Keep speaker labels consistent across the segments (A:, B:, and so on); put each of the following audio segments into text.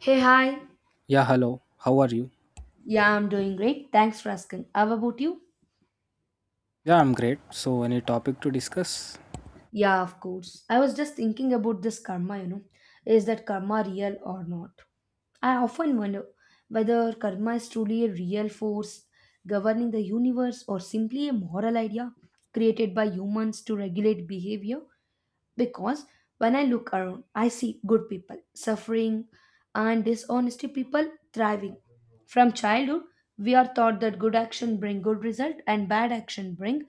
A: Hey, hi.
B: Yeah, hello. How are you?
A: Yeah, I'm doing great. Thanks for asking. How about you?
B: Yeah, I'm great. So, any topic to discuss?
A: Yeah, of course. I was just thinking about this karma, Is that karma real or not? I often wonder whether karma is truly a real force governing the universe or simply a moral idea created by humans to regulate behavior. Because when I look around, I see good people suffering and dishonesty people thriving. From childhood, we are taught that good action bring good result and bad action bring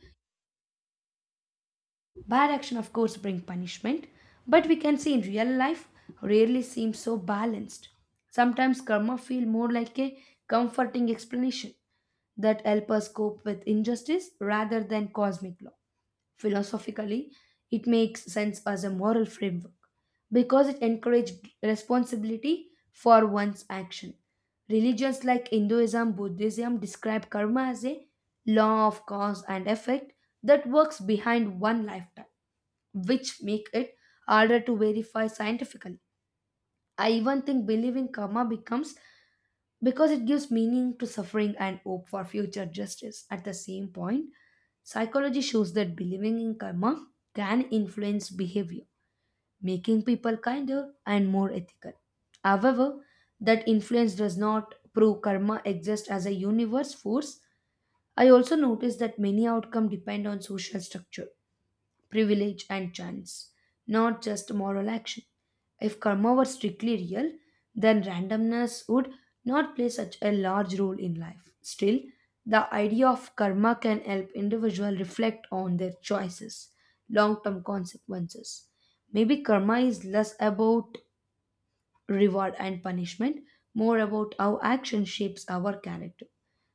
A: Bad action, of course, bring punishment, but we can see in real life rarely seems so balanced. Sometimes karma feel more like a comforting explanation that help us cope with injustice rather than cosmic law. Philosophically, it makes sense as a moral framework because it encourages responsibility for one's action. Religions like Hinduism, Buddhism describe karma as a law of cause and effect that works behind one lifetime, which make it harder to verify scientifically. I even think belief in karma becomes because it gives meaning to suffering and hope for future justice. At the same point, psychology shows that believing in karma can influence behavior, making people kinder and more ethical. However, that influence does not prove karma exists as a universe force. I also noticed that many outcomes depend on social structure privilege, and chance, not just moral action. If karma were strictly real, then randomness would not play such a large role in life. Still, the idea of karma can help individuals reflect on their choices, long term consequences. Maybe karma is less about reward and punishment, more about how action shapes our character.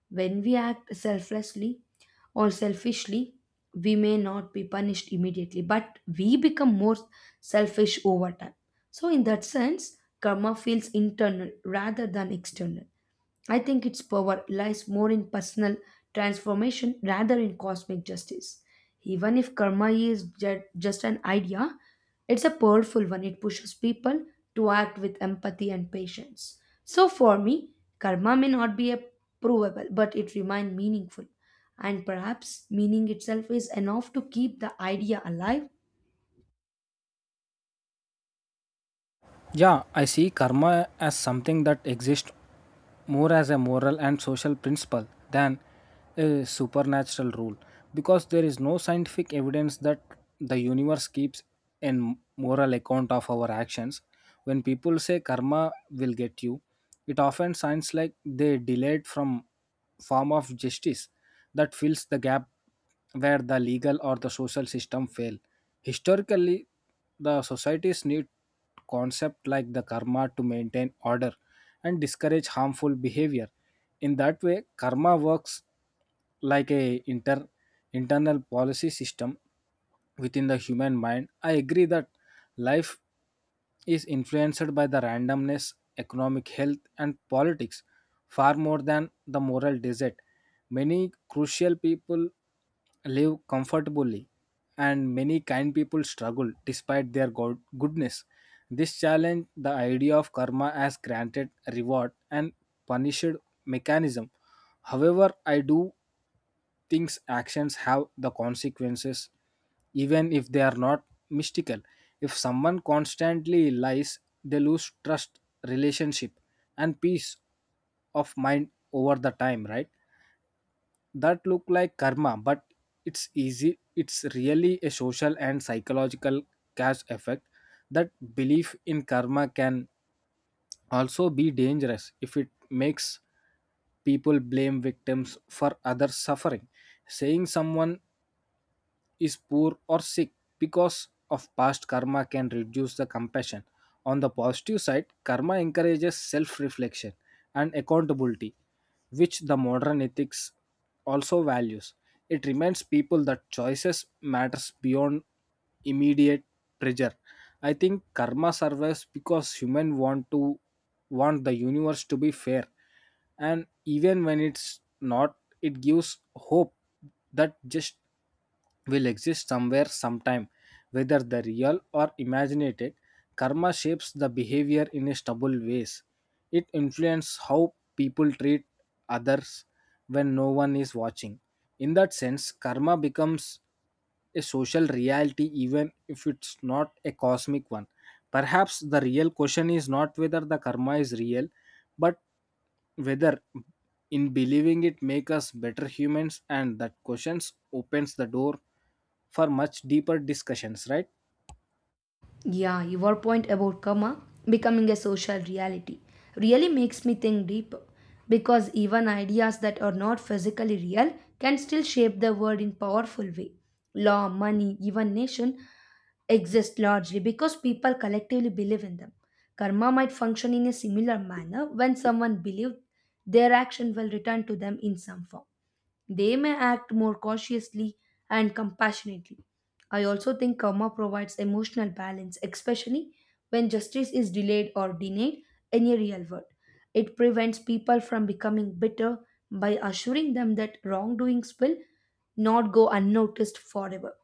A: When we act selflessly or selfishly, we may not be punished immediately, but we become more selfish over time. So, in that sense, karma feels internal rather than external. I think its power lies more in personal transformation rather in cosmic justice. Even if karma is just an idea, it's a powerful one. It pushes people to act with empathy and patience. So for me, karma may not be a provable, but it remains meaningful. And perhaps meaning itself is enough to keep the idea alive.
B: Yeah, I see karma as something that exists more as a moral and social principle than a supernatural rule, because there is no scientific evidence that the universe keeps a moral account of our actions. When people say karma will get you, it often sounds like they delayed from form of justice that fills the gap where the legal or the social system fail. Historically, the societies need concepts like the karma to maintain order and discourage harmful behavior. In that way, karma works like a internal policy system within the human mind. I agree that life is influenced by the randomness, economic health, and politics far more than the moral desert. Many crucial people live comfortably and many kind people struggle despite their goodness. This challenge the idea of karma as granted reward and punished mechanism. However, I do thinks actions have the consequences even if they are not mystical. If someone constantly lies, they lose trust, relationship, and peace of mind over the time, right? That look like karma, but it's easy, it's really a social and psychological cash effect. That belief in karma can also be dangerous if it makes people blame victims for others suffering. Saying someone is poor or sick because of past karma can reduce the compassion. On the positive side, karma encourages self reflection and accountability, which the modern ethics also values. It reminds people that choices matters beyond immediate pressure. I think karma survives because humans want the universe to be fair, and even when it's not, it gives hope that just will exist somewhere sometime. Whether the real or imaginated, karma shapes the behavior in a stubble ways. It influences how people treat others when no one is watching. In that sense, karma becomes a social reality even if it's not a cosmic one. Perhaps the real question is not whether the karma is real, but whether in believing it make us better humans, and that questions opens the door for much deeper discussions, right?
A: Yeah, your point about karma becoming a social reality really makes me think deeper because even ideas that are not physically real can still shape the world in powerful way. Law, money, even nation exist largely because people collectively believe in them. Karma might function in a similar manner when someone believes their action will return to them in some form. They may act more cautiously and compassionately. I also think karma provides emotional balance, especially when justice is delayed or denied in a real world. It prevents people from becoming bitter by assuring them that wrongdoings will not go unnoticed forever.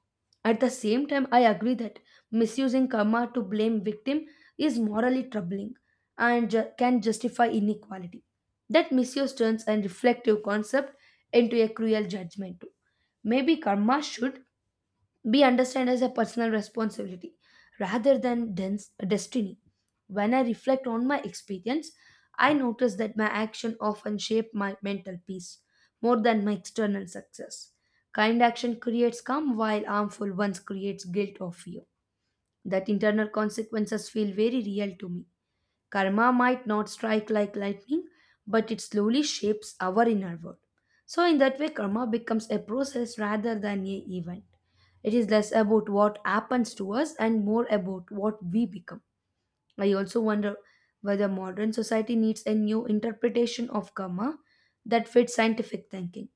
A: At the same time, I agree that misusing karma to blame victim is morally troubling and can justify inequality. That misuse turns a reflective concept into a cruel judgment. Too. Maybe karma should be understood as a personal responsibility rather than dense destiny. When I reflect on my experience, I notice that my action often shape my mental peace more than my external success. Kind action creates calm while harmful ones creates guilt or fear. That internal consequences feel very real to me. Karma might not strike like lightning, but it slowly shapes our inner world. So, in that way, karma becomes a process rather than an event. It is less about what happens to us and more about what we become. I also wonder whether modern society needs a new interpretation of karma that fits scientific thinking.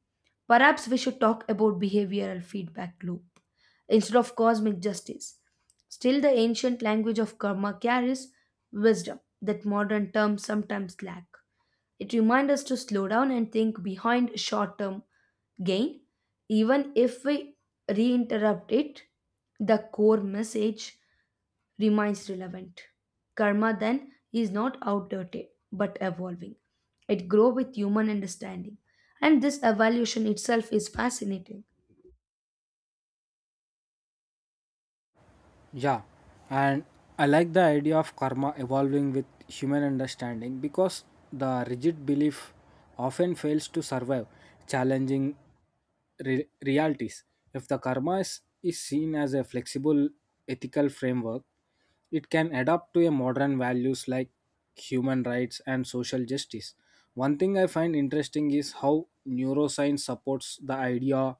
A: Perhaps we should talk about behavioral feedback loop instead of cosmic justice. Still, the ancient language of karma carries wisdom that modern terms sometimes lack. It reminds us to slow down and think behind short term gain, even if we reinterrupt it, the core message remains relevant. Karma then is not outdated but evolving. It grows with human understanding. And this evolution itself is fascinating.
B: Yeah, and I like the idea of karma evolving with human understanding, because the rigid belief often fails to survive challenging realities. If the karma is seen as a flexible ethical framework, it can adapt to a modern values like human rights and social justice. One thing I find interesting is how neuroscience supports the idea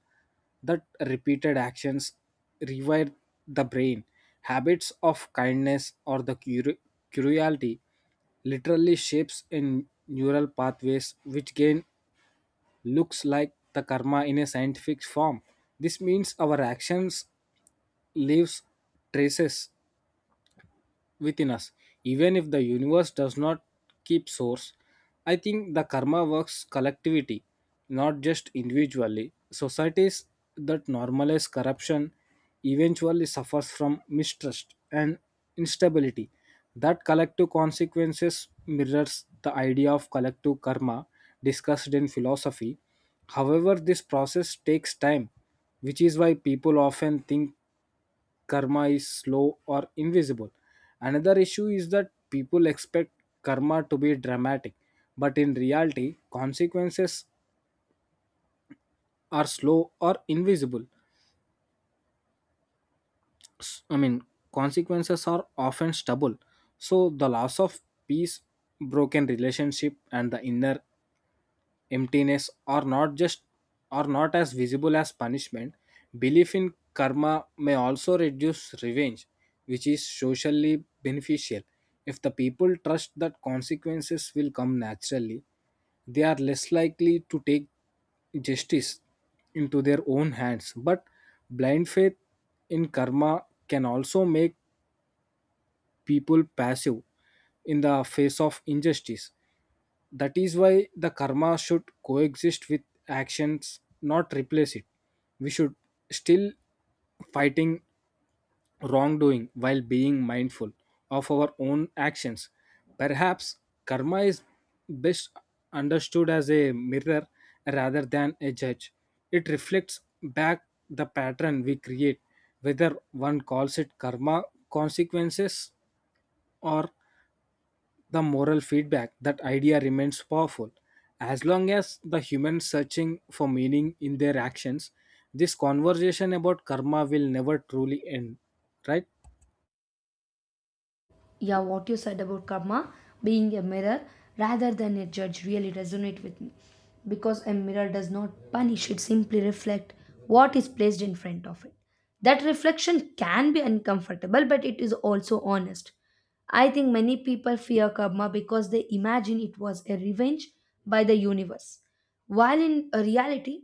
B: that repeated actions rewire the brain. Habits of kindness or the curiosity literally shapes in neural pathways, which gain looks like the karma in a scientific form. This means our actions leaves traces within us. Even if the universe does not keep source, I think the karma works collectivity, not just individually. Societies that normalize corruption eventually suffers from mistrust and instability. That collective consequences mirrors the idea of collective karma discussed in philosophy. However, this process takes time, which is why people often think karma is slow or invisible. Another issue is that people expect karma to be dramatic, but in reality, consequences are slow or invisible. S- I mean, Consequences are often stubble. So the loss of peace, broken relationship, and the inner emptiness are not as visible as punishment. Belief in karma may also reduce revenge, which is socially beneficial. If the people trust that consequences will come naturally, they are less likely to take justice into their own hands. But blind faith in karma can also make people passive in the face of injustice. That is why the karma should coexist with actions, not replace it. We should still fighting wrongdoing while being mindful of our own actions. Perhaps karma is best understood as a mirror rather than a judge. It reflects back the pattern we create. Whether one calls it karma, consequences, or the moral feedback, that idea remains powerful. As long as the humans searching for meaning in their actions, this conversation about karma will never truly end, right?
A: Yeah, what you said about karma being a mirror rather than a judge really resonate with me because a mirror does not punish. It simply reflects what is placed in front of it. That reflection can be uncomfortable, but it is also honest. I think many people fear karma because they imagine it was a revenge by the universe, while in reality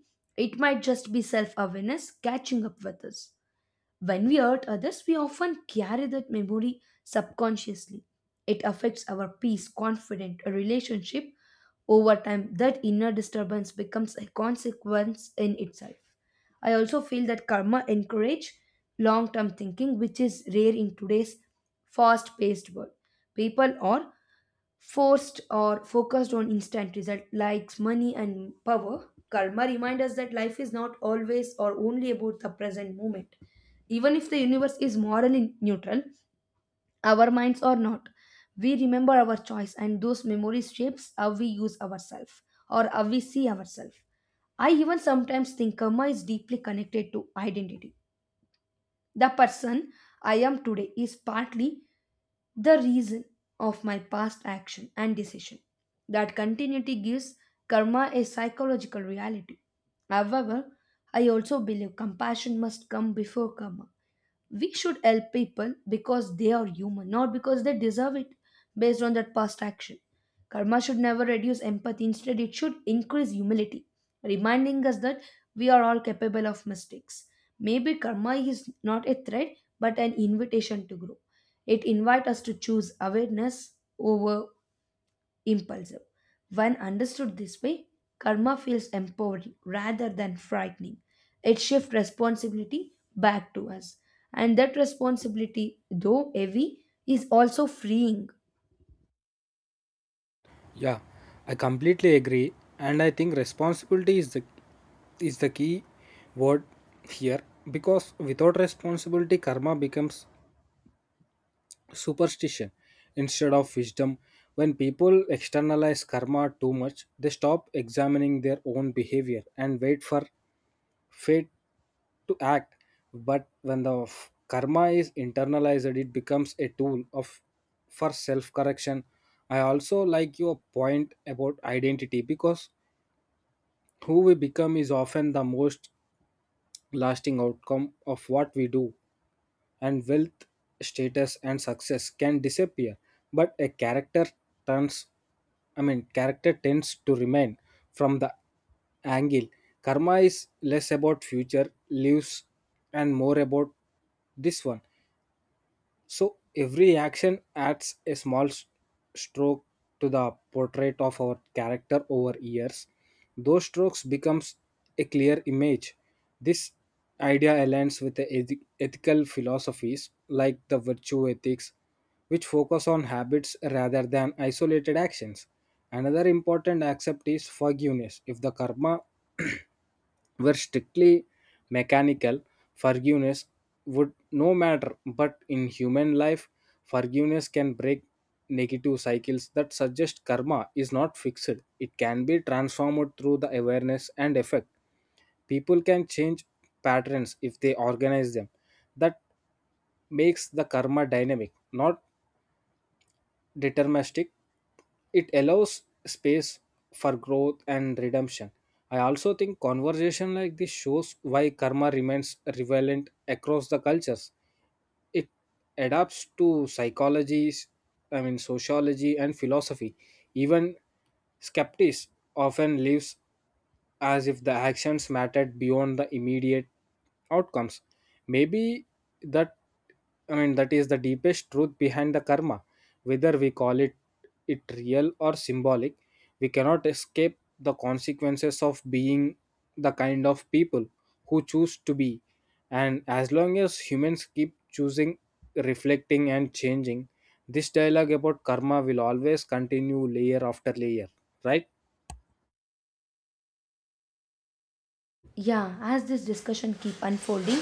A: it might just be self-awareness catching up with us. When we hurt others, we often carry that memory subconsciously. It affects our peace, confidence, a relationship. Over time, that inner disturbance becomes a consequence in itself. I also feel that karma encourage long-term thinking, which is rare in today's fast-paced world. People are forced or focused on instant result likes money and power. Karma reminds us that life is not always or only about the present moment. Even if the universe is morally neutral, our minds are not. We remember our choice, and those memories shapes how we use ourselves, or how we see ourselves. I even sometimes think karma is deeply connected to identity. The person I am today is partly the reason of my past action and decision. That continuity gives karma a psychological reality. However, I also believe compassion must come before karma. We should help people because they are human, not because they deserve it based on that past action. Karma should never reduce empathy, instead, it should increase humility, reminding us that we are all capable of mistakes. Maybe karma is not a threat but an invitation to grow. It invites us to choose awareness over impulsive. When understood this way, karma feels empowering rather than frightening. It shifts responsibility back to us. And that responsibility, though heavy, is also freeing.
B: Yeah, I completely agree, and I think responsibility is the key word here, because without responsibility, karma becomes superstition instead of wisdom. When people externalize karma too much, they stop examining their own behavior and wait for fate to act. But when the karma is internalized, it becomes a tool of for self correction. I also like your point about identity, because who we become is often the most lasting outcome of what we do. And wealth, status, and success can disappear, but a character turns I mean, character tends to remain. From the angle, karma is less about future lives and more about this one. So every action adds a stroke to the portrait of our character over years. Those strokes becomes a clear image. This idea aligns with the ethical philosophies like the virtue ethics, which focus on habits rather than isolated actions. Another important aspect is forgiveness. If the karma were strictly mechanical, forgiveness would no matter. But in human life, forgiveness can break negative cycles that suggest karma is not fixed. It can be transformed through the awareness and effect. People can change patterns if they organize them. That makes the karma dynamic, not deterministic. It allows space for growth and redemption. I also think conversation like this shows why karma remains relevant across the cultures. It adapts to psychologies I mean sociology and philosophy. Even skeptics often lives as if the actions mattered beyond the immediate outcomes. Maybe that I mean that is the deepest truth behind the karma. Whether we call it real or symbolic, we cannot escape the consequences of being the kind of people who choose to be. And as long as humans keep choosing, reflecting, and changing, this dialogue about karma will always continue layer after layer, right?
A: Yeah, as this discussion keep unfolding,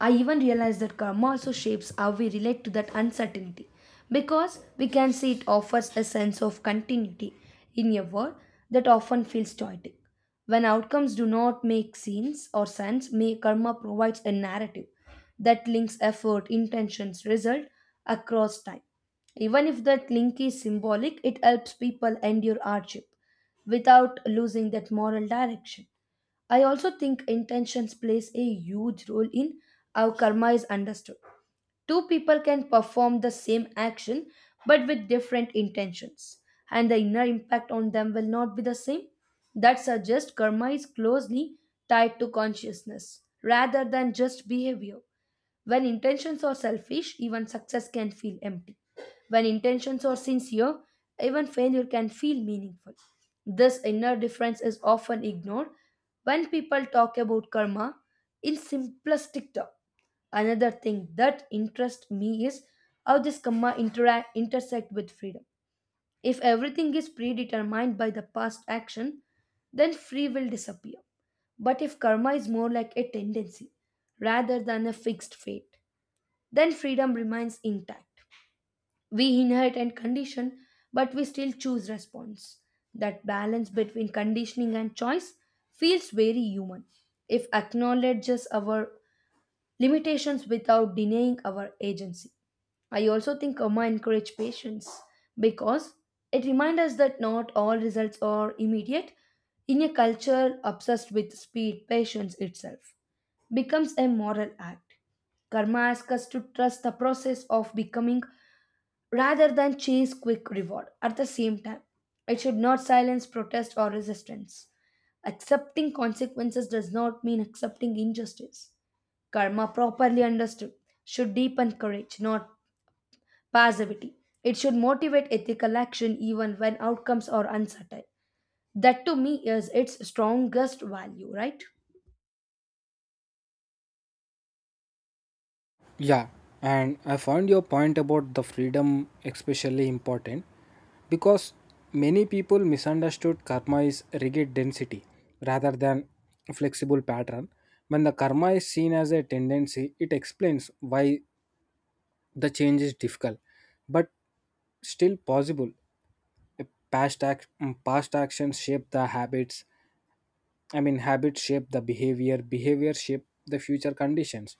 A: I even realize that karma also shapes how we relate to that uncertainty because we can see it offers a sense of continuity in a world that often feels chaotic. When outcomes do not make sense or sense, may karma provides a narrative that links effort, intentions, result across time. Even if that link is symbolic, it helps people endure hardship without losing that moral direction. I also think intentions plays a huge role in how karma is understood. Two people can perform the same action but with different intentions, and the inner impact on them will not be the same. That suggests karma is closely tied to consciousness rather than just behavior. When intentions are selfish, even success can feel empty. When intentions are sincere, even failure can feel meaningful. This inner difference is often ignored when people talk about karma in simplistic terms. Another thing that interests me is how this karma interact intersect with freedom. If everything is predetermined by the past action, then free will disappear. But if karma is more like a tendency rather than a fixed fate, then freedom remains intact. We inherit and condition, but we still choose response. That balance between conditioning and choice feels very human if acknowledges our limitations without denying our agency. I also think karma encourage patience because it reminds us that not all results are immediate. In a culture obsessed with speed, patience itself becomes a moral act. Karma asks us to trust the process of becoming rather than chase quick reward. At the same time, it should not silence protest or resistance. Accepting consequences does not mean accepting injustice. Karma, properly understood, should deepen courage, not passivity. It should motivate ethical action even when outcomes are uncertain. That to me is its strongest value, right?
B: Yeah, and I found your point about the freedom especially important, because many people misunderstood karma is rigid density rather than flexible pattern. When the karma is seen as a tendency, it explains why the change is difficult but still possible. A past act- past actions shape the habits, shape the behavior, behavior shape the future conditions.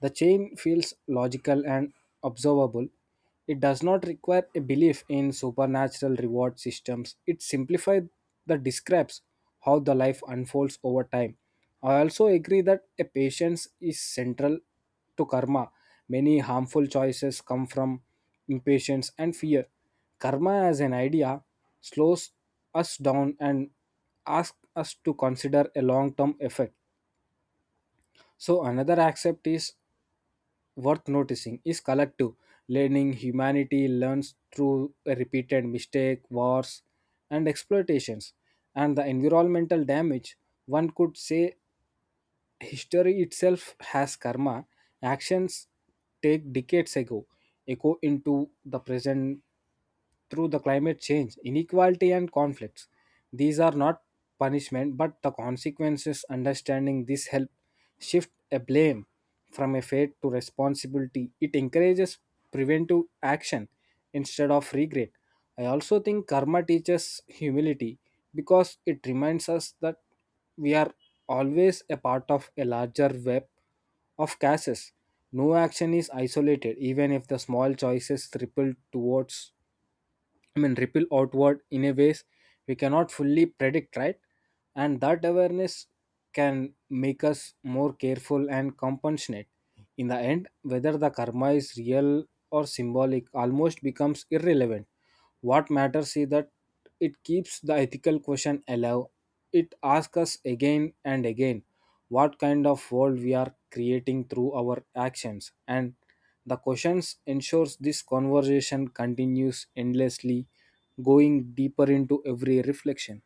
B: The chain feels logical and observable. It does not require a belief in supernatural reward systems. It simplifies the describes how the life unfolds over time. I also agree that a patience is central to karma. Many harmful choices come from impatience and fear. Karma as an idea slows us down and asks us to consider a long term effect. So, another aspect is worth noticing is collective learning. Humanity learns through repeated mistake, wars, and exploitations, and the environmental damage. One could say history itself has karma. Actions take decades ago echo into the present through the climate change, inequality, and conflicts. These are not punishment but the consequences. Understanding this help shift a blame from a fate to responsibility. It encourages preventive action instead of regret. I also think karma teaches humility, because it reminds us that we are always a part of a larger web of cases. No action is isolated, even if the small choices ripple towards I mean, ripple outward in a ways we cannot fully predict, right? And that awareness can make us more careful and compassionate. In the end, whether the karma is real or symbolic almost becomes irrelevant. What matters is that it keeps the ethical question alive. It asks us again and again what kind of world we are creating through our actions, and the questions ensures this conversation continues endlessly, going deeper into every reflection.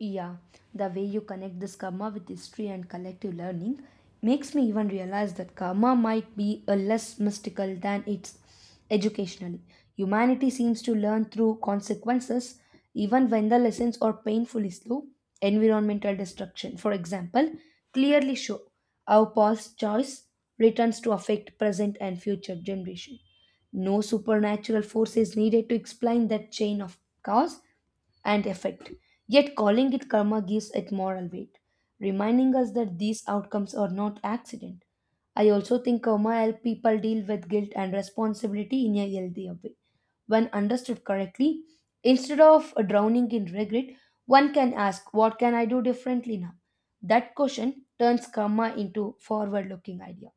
A: Yeah, the way you connect this karma with history and collective learning makes me even realize that karma might be a less mystical than it's educationally. Humanity seems to learn through consequences, even when the lessons are painfully slow. Environmental destruction, for example, clearly show how past choice returns to affect present and future generation. No supernatural force is needed to explain that chain of cause and effect. Yet calling it karma gives it moral weight, reminding us that these outcomes are not accident. I also think karma helps people deal with guilt and responsibility in a healthier way. When understood correctly, instead of drowning in regret, one can ask, "What can I do differently now?" That question turns karma into forward looking idea.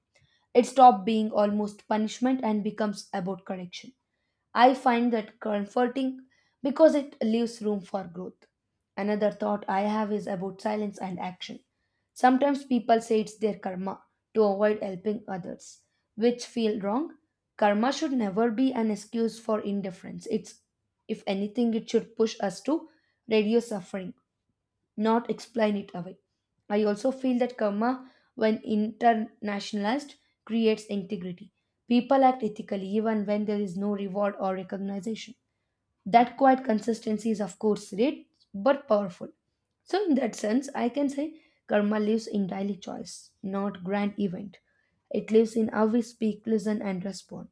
A: It stops being almost punishment and becomes about correction. I find that comforting because it leaves room for growth. Another thought I have is about silence and action. Sometimes people say it's their karma to avoid helping others, which feel wrong. Karma should never be an excuse for indifference. It's If anything, it should push us to reduce suffering, not explain it away. I also feel that karma, when internationalized, creates integrity. People act ethically even when there is no reward or recognition. That quiet consistency is, of course, rare but powerful. So, in that sense, I can say karma lives in daily choice, not grand event. It lives in how we speak, listen, and respond.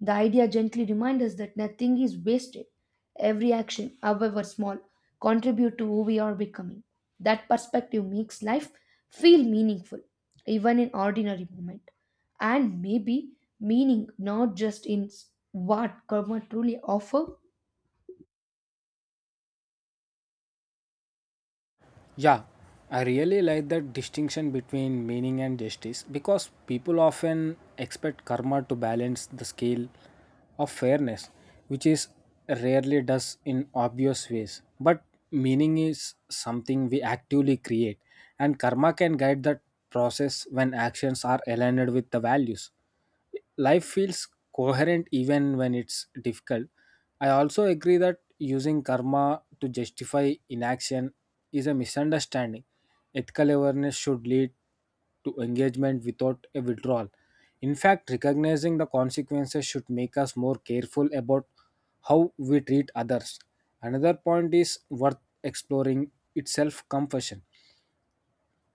A: The idea gently reminds us that nothing is wasted. Every action, however small, contributes to who we are becoming. That perspective makes life feel meaningful, even in ordinary moment. And maybe meaning not just in what karma truly offers.
B: Yeah, I really like that distinction between meaning and justice, because people often expect karma to balance the scale of fairness, which is rarely does in obvious ways. But meaning is something we actively create, and karma can guide that process. When actions are aligned with the values, life feels coherent even when it's difficult. I also agree that using karma to justify inaction is a misunderstanding. Ethical awareness should lead to engagement without a withdrawal. In fact, recognizing the consequences should make us more careful about how we treat others. Another point is worth exploring itself compassion.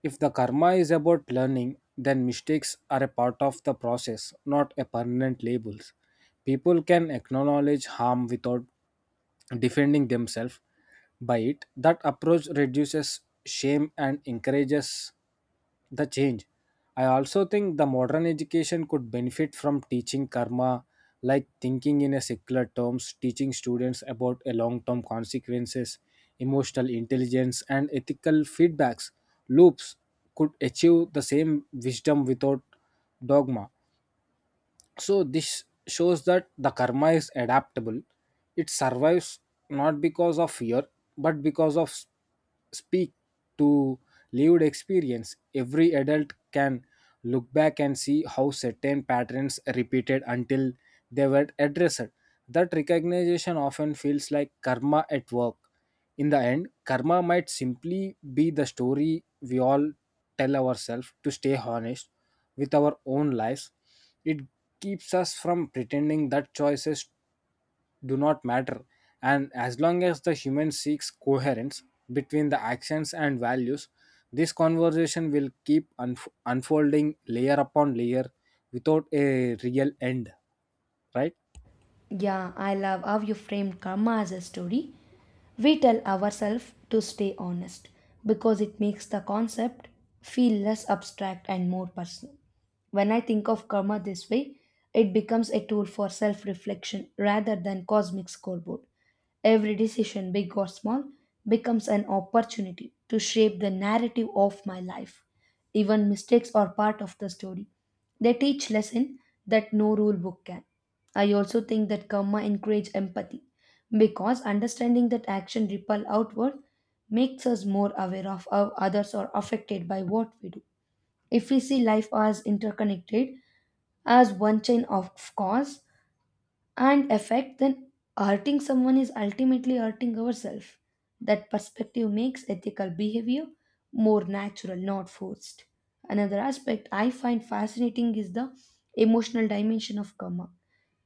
B: If the karma is about learning, then mistakes are a part of the process, not a permanent labels. People can acknowledge harm without defending themselves by it. That approach reduces shame and encourages the change. I also think the modern education could benefit from teaching karma, like thinking in a secular terms. Teaching students about a long-term consequences, emotional intelligence, and ethical feedbacks loops could achieve the same wisdom without dogma. So this shows that the karma is adaptable. It survives not because of fear but because of speak to lived experience. Every adult can look back and see how certain patterns repeated until they were addressed. That recognition often feels like karma at work. In the end, karma might simply be the story we all tell ourselves to stay honest with our own lives. It keeps us from pretending that choices do not matter. And as long as the human seeks coherence between the actions and values, this conversation will keep unfolding layer upon layer without a real end, right?
A: Yeah, I love how you framed karma as a story. We tell ourselves to stay honest because it makes the concept feel less abstract and more personal. When I think of karma this way, it becomes a tool for self reflection rather than cosmic scoreboard. Every decision, big or small, becomes an opportunity to shape the narrative of my life. Even mistakes are part of the story. They teach lesson that no rule book can. I also think that karma encourage empathy because understanding that action ripple outward makes us more aware of how others are affected by what we do. If we see life as interconnected, as one chain of cause and effect, then hurting someone is ultimately hurting ourselves. That perspective makes ethical behavior more natural, not forced. Another aspect I find fascinating is the emotional dimension of karma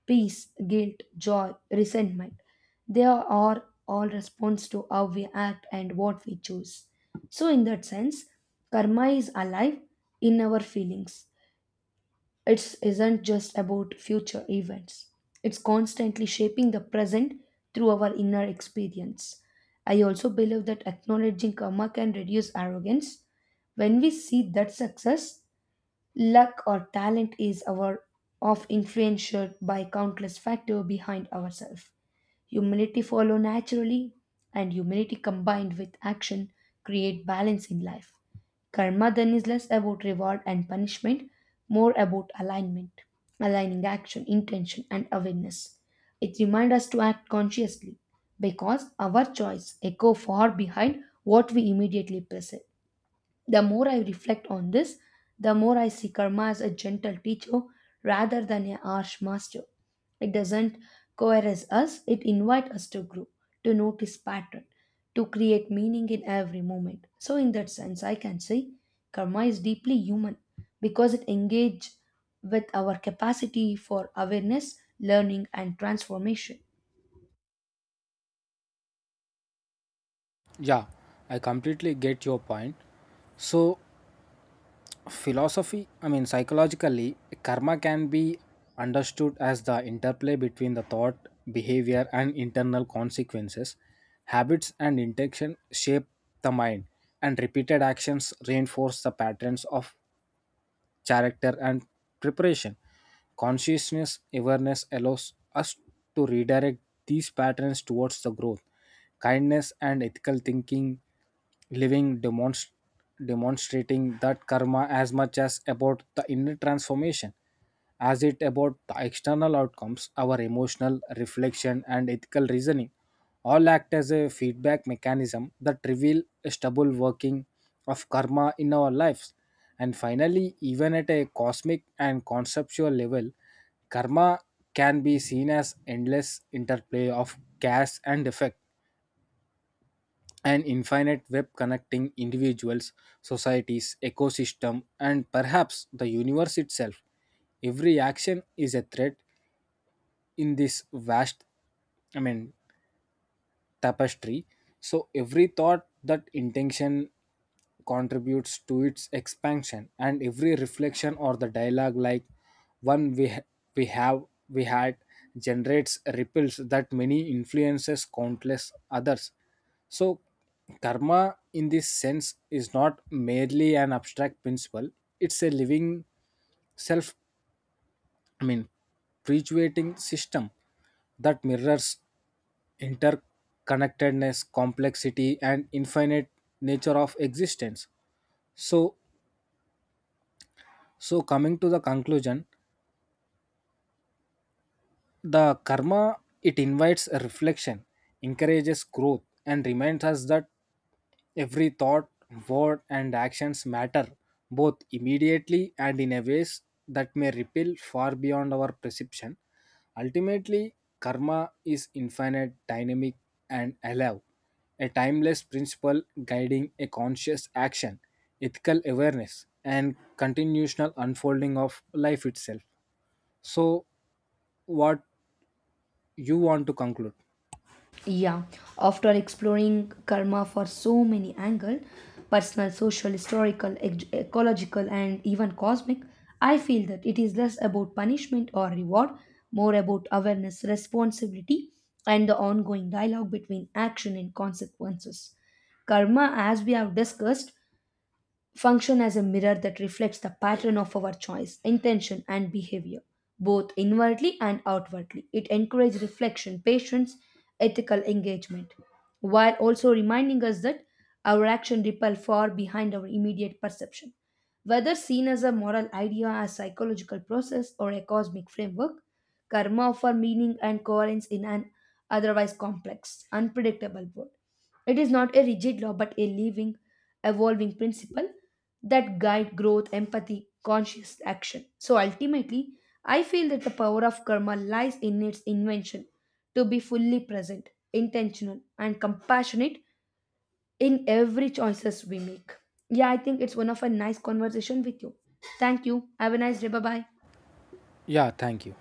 A: peace, guilt, joy, resentment. They are all response to how we act and what we choose. So, in that sense, karma is alive in our feelings. It isn't just about future events, it's constantly shaping the present through our inner experience. I also believe that acknowledging karma can reduce arrogance. When we see that success, luck or talent is our of influenced by countless factors behind ourselves. Humility follow naturally, and humility combined with action create balance in life. Karma then is less about reward and punishment, more about alignment, aligning action, intention, and awareness. It reminds us to act consciously because our choice echo far behind what we immediately perceive. The more I reflect on this, the more I see karma as a gentle teacher rather than a harsh master. It doesn't coerce us, it invites us to grow, to notice pattern, to create meaning in every moment. So in that sense, I can say karma is deeply human because it engages with our capacity for awareness, learning and transformation.
B: Yeah, I completely get your point. So, philosophy I mean psychologically, karma can be understood as the interplay between the thought, behavior, and internal consequences. Habits and intention shape the mind, and repeated actions reinforce the patterns of character and preparation. Consciousness awareness allows us to redirect these patterns towards the growth, kindness, and ethical thinking, living demonstrating that karma as much as about the inner transformation as it about the external outcomes. Our emotional reflection and ethical reasoning all act as a feedback mechanism that reveal a stubble working of karma in our lives. And finally, even at a cosmic and conceptual level, karma can be seen as endless interplay of cause and effect, an infinite web connecting individuals, societies, ecosystem, and perhaps the universe itself. Every action is a thread in this I mean, tapestry. So every thought that intention contributes to its expansion, and every reflection or the dialogue, like one we ha- we have we had, generates ripples that many influences countless others. So, karma in this sense is not merely an abstract principle, it's a living, self I mean, perpetuating system that mirrors interconnectedness, complexity, and infinite nature of existence. So, so, coming to the conclusion, the karma, it invites a reflection, encourages growth, and reminds us that every thought, word, and actions matter both immediately and in a ways that may ripple far beyond our perception. Ultimately, karma is infinite, dynamic, and alive, a timeless principle guiding a conscious action, ethical awareness, and continual unfolding of life itself. So, what you want to conclude?
A: Yeah, after exploring karma for so many angles personal, social, historical, ecological, and even cosmic I feel that it is less about punishment or reward, more about awareness, responsibility, and the ongoing dialogue between action and consequences. Karma, as we have discussed, function as a mirror that reflects the pattern of our choice, intention, and behavior, both inwardly and outwardly. It encourages reflection, patience, ethical engagement, while also reminding us that our action repel far behind our immediate perception. Whether seen as a moral idea, a psychological process, or a cosmic framework, karma offer meaning and coherence in an otherwise complex, unpredictable world. It is not a rigid law but a living evolving principle that guide growth, empathy, conscious action. So ultimately, I feel that the power of karma lies in its invention to be fully present, intentional, and compassionate in every choices we make. Yeah, I think it's one of a nice conversation with you. Thank you. Have a nice day. Bye bye.
B: Yeah, thank you.